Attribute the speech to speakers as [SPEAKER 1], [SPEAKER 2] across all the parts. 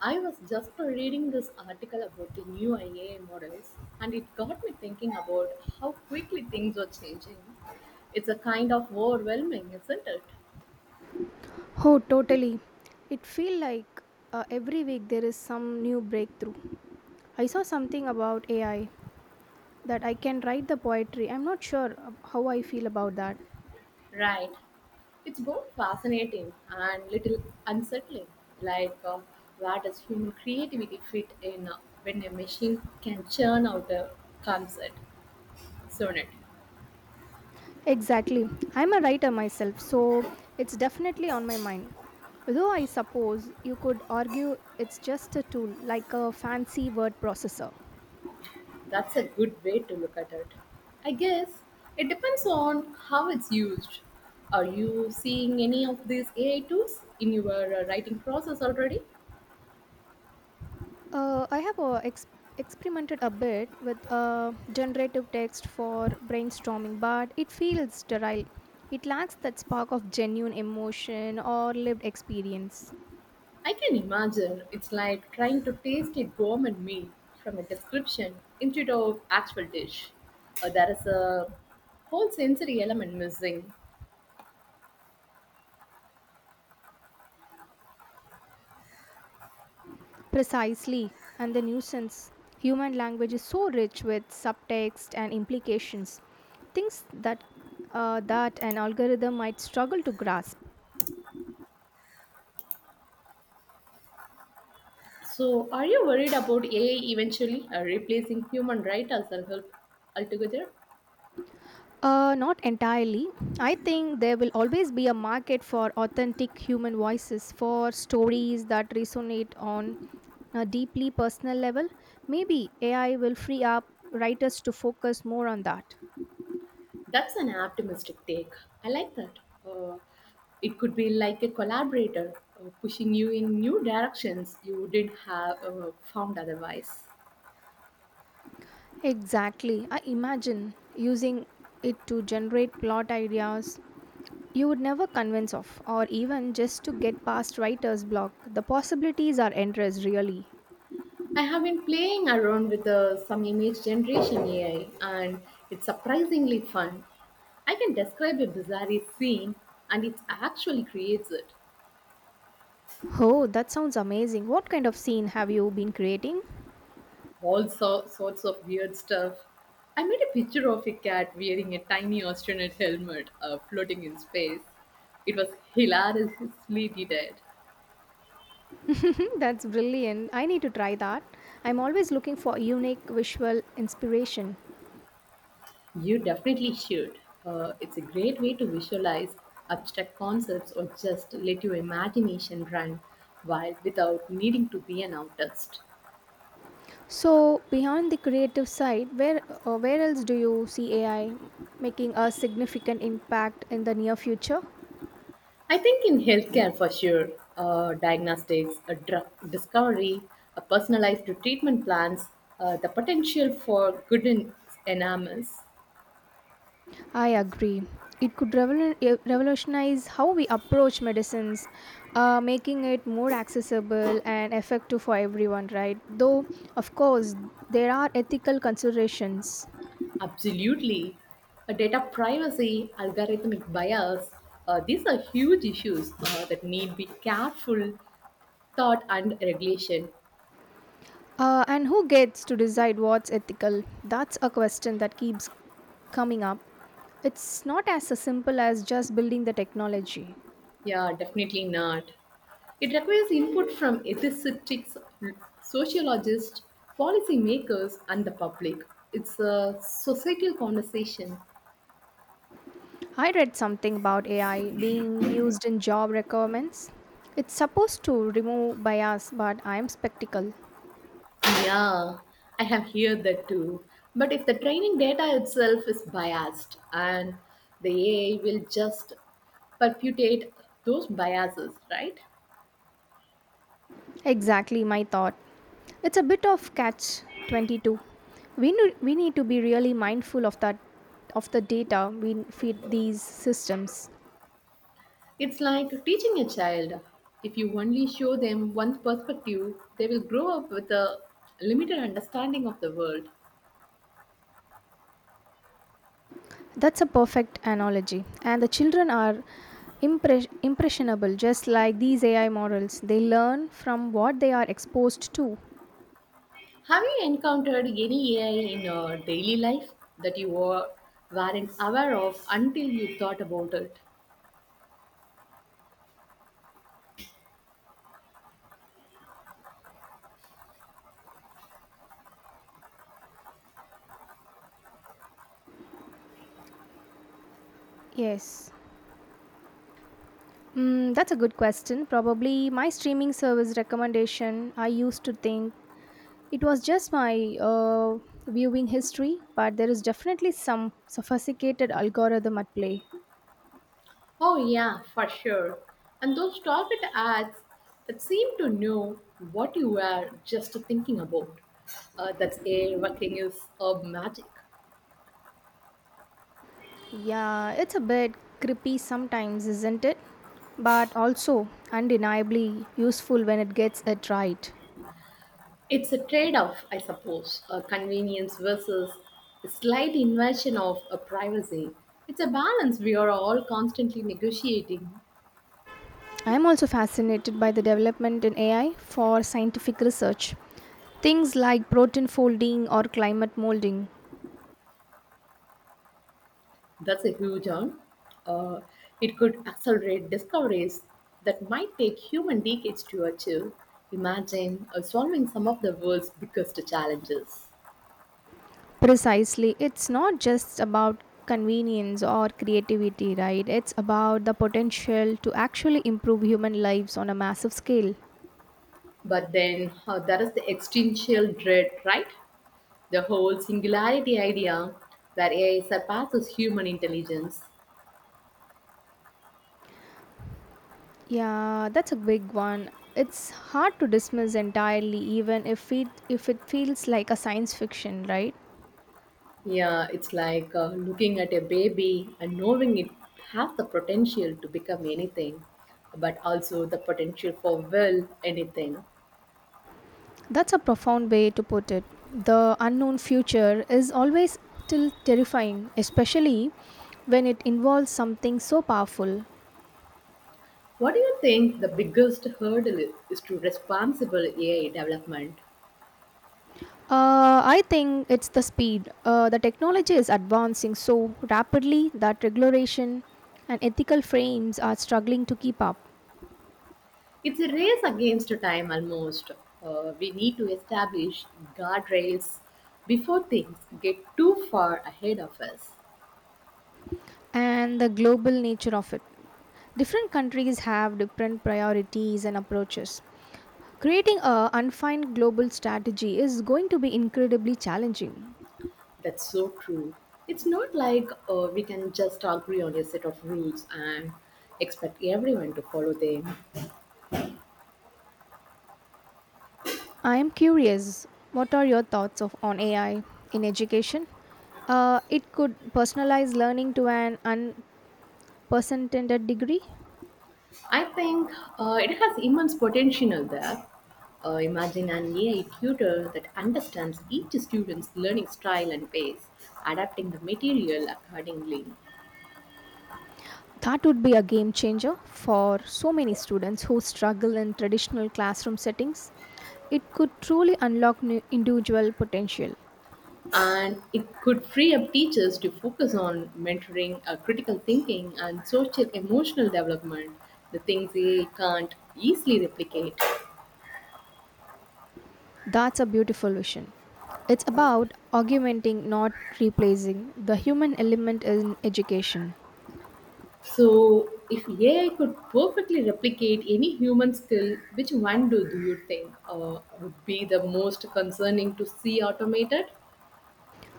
[SPEAKER 1] I was just reading this article about the new IA models, and it got me thinking about how quickly things are changing. It's a kind of overwhelming, isn't it?
[SPEAKER 2] Oh, totally. It feels like every week there is some new breakthrough. I saw something about AI that I can write the poetry. I'm not sure how I feel about that.
[SPEAKER 1] Right. It's both fascinating and little unsettling. Like, where does human creativity fit in when a machine can churn out a concert sonnet?
[SPEAKER 2] Exactly. I'm a writer myself, so it's definitely on my mind. Though I suppose you could argue it's just a tool like a fancy word processor.
[SPEAKER 1] That's a good way to look at it. I guess it depends on how it's used. Are you seeing any of these AI tools in your writing process already?
[SPEAKER 2] I have experimented a bit with generative text for brainstorming, but it feels sterile. It lacks that spark of genuine emotion or lived experience.
[SPEAKER 1] I can imagine it's like trying to taste a gourmet meal from a description instead of actual dish. There is a whole sensory element missing.
[SPEAKER 2] Precisely, and the nuisance. Human language is so rich with subtext and implications, things that an algorithm might struggle to grasp.
[SPEAKER 1] So, are you worried about AI eventually replacing human writers and help altogether?
[SPEAKER 2] Not entirely. I think there will always be a market for authentic human voices, for stories that resonate on a deeply personal level. Maybe AI will free up writers to focus more on that.
[SPEAKER 1] That's an optimistic take. I like that. Uh, it could be like a collaborator pushing you in new directions you didn't have found otherwise.
[SPEAKER 2] Exactly. I imagine using it to generate plot ideas you would never convince of, or even just to get past writer's block. The possibilities are endless, really.
[SPEAKER 1] I have been playing around with some image generation AI, and it's surprisingly fun. I can describe a bizarre scene, and it actually creates it.
[SPEAKER 2] Oh, that sounds amazing. What kind of scene have you been creating?
[SPEAKER 1] All sorts of weird stuff. I made a picture of a cat wearing a tiny astronaut helmet floating in space. It was hilariously detailed.
[SPEAKER 2] That's brilliant. I need to try that. I'm always looking for unique visual inspiration.
[SPEAKER 1] You definitely should. It's a great way to visualize abstract concepts or just let your imagination run wild without needing to be an artist.
[SPEAKER 2] So, beyond the creative side, where else do you see AI making a significant impact in the near future?
[SPEAKER 1] I think in healthcare for sure, diagnostics, a drug discovery, a personalized treatment plans, the potential for good and enormous.
[SPEAKER 2] I agree. It could revolutionize how we approach medicines, making it more accessible and effective for everyone, right? Though, of course, there are ethical considerations.
[SPEAKER 1] Absolutely. A data privacy, algorithmic bias, these are huge issues that need be careful thought and regulation.
[SPEAKER 2] And who gets to decide what's ethical? That's a question that keeps coming up. It's not as simple as just building the technology.
[SPEAKER 1] Yeah, definitely not. It requires input from ethicists, sociologists, policymakers, and the public. It's a societal conversation.
[SPEAKER 2] I read something about AI being used in job requirements. It's supposed to remove bias, but I'm skeptical.
[SPEAKER 1] Yeah, I have heard that too. But if the training data itself is biased and the AI will just perpetuate those biases, right?
[SPEAKER 2] Exactly my thought. It's a bit of catch 22. We need to be really mindful of that of the data we feed these systems.
[SPEAKER 1] It's like teaching a child. If you only show them one perspective, they will grow up with a limited understanding of the world.
[SPEAKER 2] That's a perfect analogy. And the children are impressionable, just like these AI models. They learn from what they are exposed to.
[SPEAKER 1] Have you encountered any AI in your daily life that weren't aware of until you thought about it?
[SPEAKER 2] Yes. Mm, that's a good question. Probably my streaming service recommendation, I used to think it was just my viewing history, but there is definitely some sophisticated algorithm at play.
[SPEAKER 1] Oh, yeah, for sure. And those target ads that seem to know what you were just thinking about. That's AI working is magic.
[SPEAKER 2] Yeah, it's a bit creepy sometimes, isn't it? But also undeniably useful when it gets it right.
[SPEAKER 1] It's a trade off, I suppose, a convenience versus a slight invasion of a privacy. It's a balance we are all constantly negotiating.
[SPEAKER 2] I'm also fascinated by the development in AI for scientific research. Things like protein folding or climate molding.
[SPEAKER 1] That's a huge one. Uh, it could accelerate discoveries that might take human decades to achieve. Imagine solving some of the world's biggest challenges.
[SPEAKER 2] Precisely, it's not just about convenience or creativity, right? It's about the potential to actually improve human lives on a massive scale.
[SPEAKER 1] But then, that is the existential dread, right? The whole singularity idea that AI surpasses human intelligence.
[SPEAKER 2] Yeah, that's a big one. It's hard to dismiss entirely, even if it feels like a science fiction, right?
[SPEAKER 1] Yeah, it's like looking at a baby and knowing it has the potential to become anything, but also the potential for well anything.
[SPEAKER 2] That's a profound way to put it. The unknown future is always still terrifying, especially when it involves something so powerful.
[SPEAKER 1] What do you think the biggest hurdle is to responsible AI development?
[SPEAKER 2] I think it's the speed. The technology is advancing so rapidly that regulation and ethical frames are struggling to keep up,
[SPEAKER 1] It's a race against time almost. We need to establish guardrails before things get too far ahead of us.
[SPEAKER 2] and the global nature of it. Different countries have different priorities and approaches. Creating a unfined global strategy is going to be incredibly challenging.
[SPEAKER 1] That's so true. It's not like we can just agree on a set of rules and expect everyone to follow them.
[SPEAKER 2] I am curious, what are your thoughts of, on AI in education? It could personalize learning to an unprecedented degree.
[SPEAKER 1] I think it has immense potential there. Imagine an AI tutor that understands each student's learning style and pace, adapting the material accordingly.
[SPEAKER 2] That would be a game changer for so many students who struggle in traditional classroom settings. It could truly unlock new individual potential.
[SPEAKER 1] And it could free up teachers to focus on mentoring, critical thinking, and social emotional development, the things they can't easily replicate.
[SPEAKER 2] That's a beautiful vision. It's about augmenting, not replacing, the human element in education.
[SPEAKER 1] So, if AI could perfectly replicate any human skill, which one do you think would be the most concerning to see automated?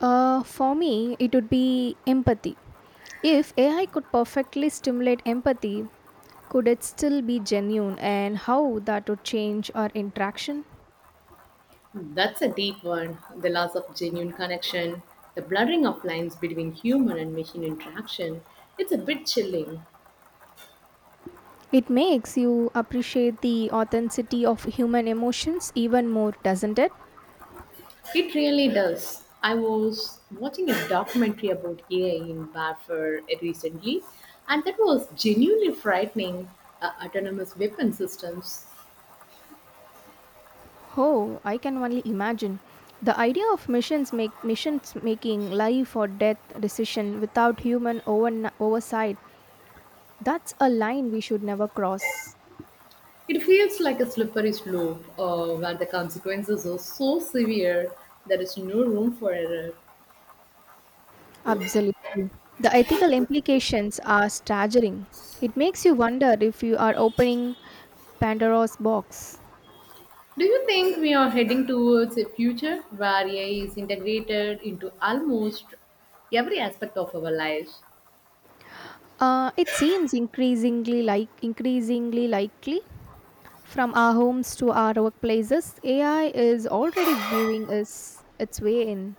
[SPEAKER 2] For me, it would be empathy. If AI could perfectly stimulate empathy, could it still be genuine and how that would change our interaction?
[SPEAKER 1] Hmm, that's a deep one. The loss of genuine connection, the blurring of lines between human and machine interaction. It's a bit chilling.
[SPEAKER 2] It makes you appreciate the authenticity of human emotions even more, doesn't it?
[SPEAKER 1] It really does. I was watching a documentary about AI in warfare recently, and that was genuinely frightening. Autonomous weapon systems.
[SPEAKER 2] Oh, I can only imagine. The idea of missions making life or death decision without oversight. That's a line we should never cross.
[SPEAKER 1] It feels like a slippery slope where the consequences are so severe there is no room for error.
[SPEAKER 2] Absolutely. The ethical implications are staggering. It makes you wonder if you are opening Pandora's box.
[SPEAKER 1] Do you think we are heading towards a future where AI is integrated into almost every aspect of our lives?
[SPEAKER 2] It seems increasingly likely. From our homes to our workplaces, AI is already viewing us its way in.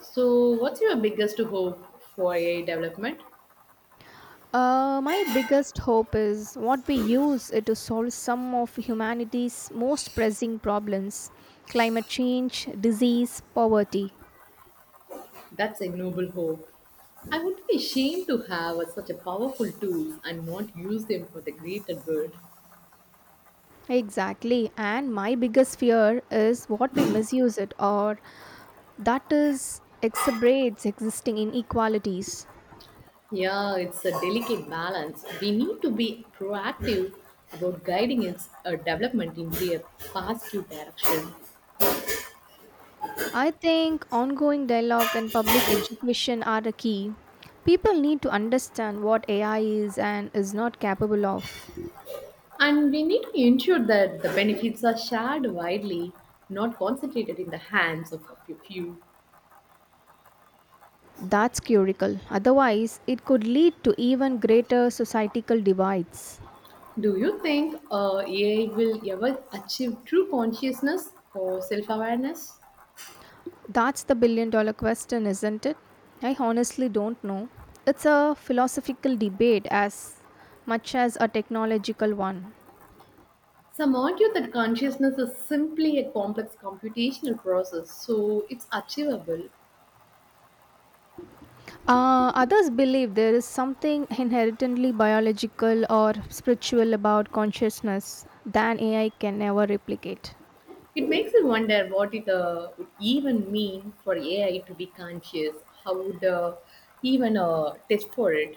[SPEAKER 1] So, what's your biggest hope for AI development?
[SPEAKER 2] My biggest hope is what we use it to solve some of humanity's most pressing problems climate change, disease, poverty.
[SPEAKER 1] That's a noble hope. I would be ashamed to have such a powerful tool and not use them for the greater good.
[SPEAKER 2] Exactly, and my biggest fear is what we misuse it or that is exacerbates existing inequalities.
[SPEAKER 1] Yeah, it's a delicate balance. We need to be proactive about guiding its development into a positive direction.
[SPEAKER 2] I think ongoing dialogue and public education are the key. People need to understand what AI is and is not capable of.
[SPEAKER 1] And we need to ensure that the benefits are shared widely, not concentrated in the hands of a few.
[SPEAKER 2] That's curical. Otherwise, it could lead to even greater societal divides.
[SPEAKER 1] Do you think AI will ever achieve true consciousness or self awareness?
[SPEAKER 2] That's the billion dollar question, isn't it? I honestly don't know. It's a philosophical debate as much as a technological one.
[SPEAKER 1] Some argue that consciousness is simply a complex computational process, so it's achievable.
[SPEAKER 2] Others believe there is something inherently biological or spiritual about consciousness than AI can ever replicate.
[SPEAKER 1] It makes me wonder what it would even mean for AI to be conscious. How would even test for it?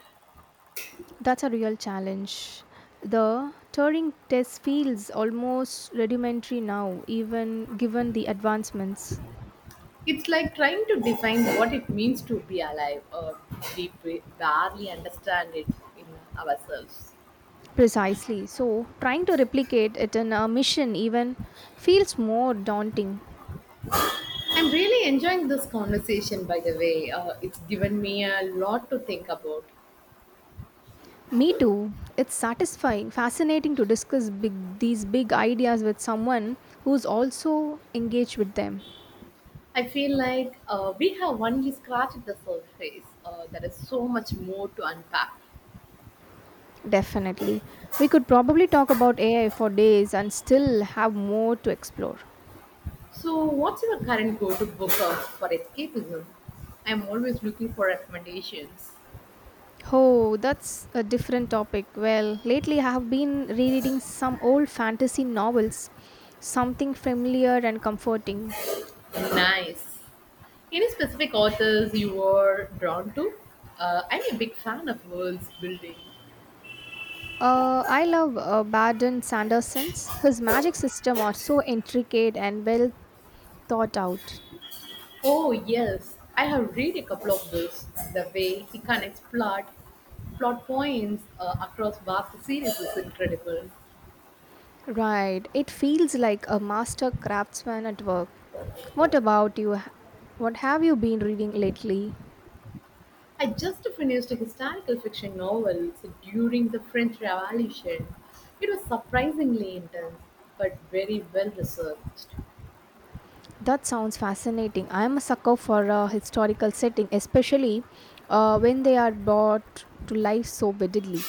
[SPEAKER 2] That's a real challenge. The Turing test feels almost rudimentary now, even given the advancements.
[SPEAKER 1] It's like trying to define what it means to be alive. We barely understand it in ourselves.
[SPEAKER 2] Precisely. So, trying to replicate it in a mission even feels more daunting.
[SPEAKER 1] I'm really enjoying this conversation, by the way. It's given me a lot to think about.
[SPEAKER 2] Me too. It's satisfying, fascinating to discuss these big ideas with someone who's also engaged with them.
[SPEAKER 1] I feel like we have only scratched the surface. There is so much more to unpack.
[SPEAKER 2] Definitely. We could probably talk about AI for days and still have more to explore.
[SPEAKER 1] So, what's your current go-to book out for escapism? I'm always looking for recommendations.
[SPEAKER 2] Oh, that's a different topic. Well, lately I have been rereading some old fantasy novels, something familiar and comforting.
[SPEAKER 1] Nice. Any specific authors you were drawn to? I'm a big fan of worlds building.
[SPEAKER 2] I love Baden Sanderson's. His magic system are so intricate and well thought out.
[SPEAKER 1] Oh yes, I have read a couple of those. The way he connects plot points across vast series is incredible.
[SPEAKER 2] Right, it feels like a master craftsman at work. What about you? What have you been reading lately?
[SPEAKER 1] I just finished a historical fiction novel set during the French Revolution. It was surprisingly intense, but very well researched.
[SPEAKER 2] That sounds fascinating. I am a sucker for a historical setting, especially when they are brought to life so vividly.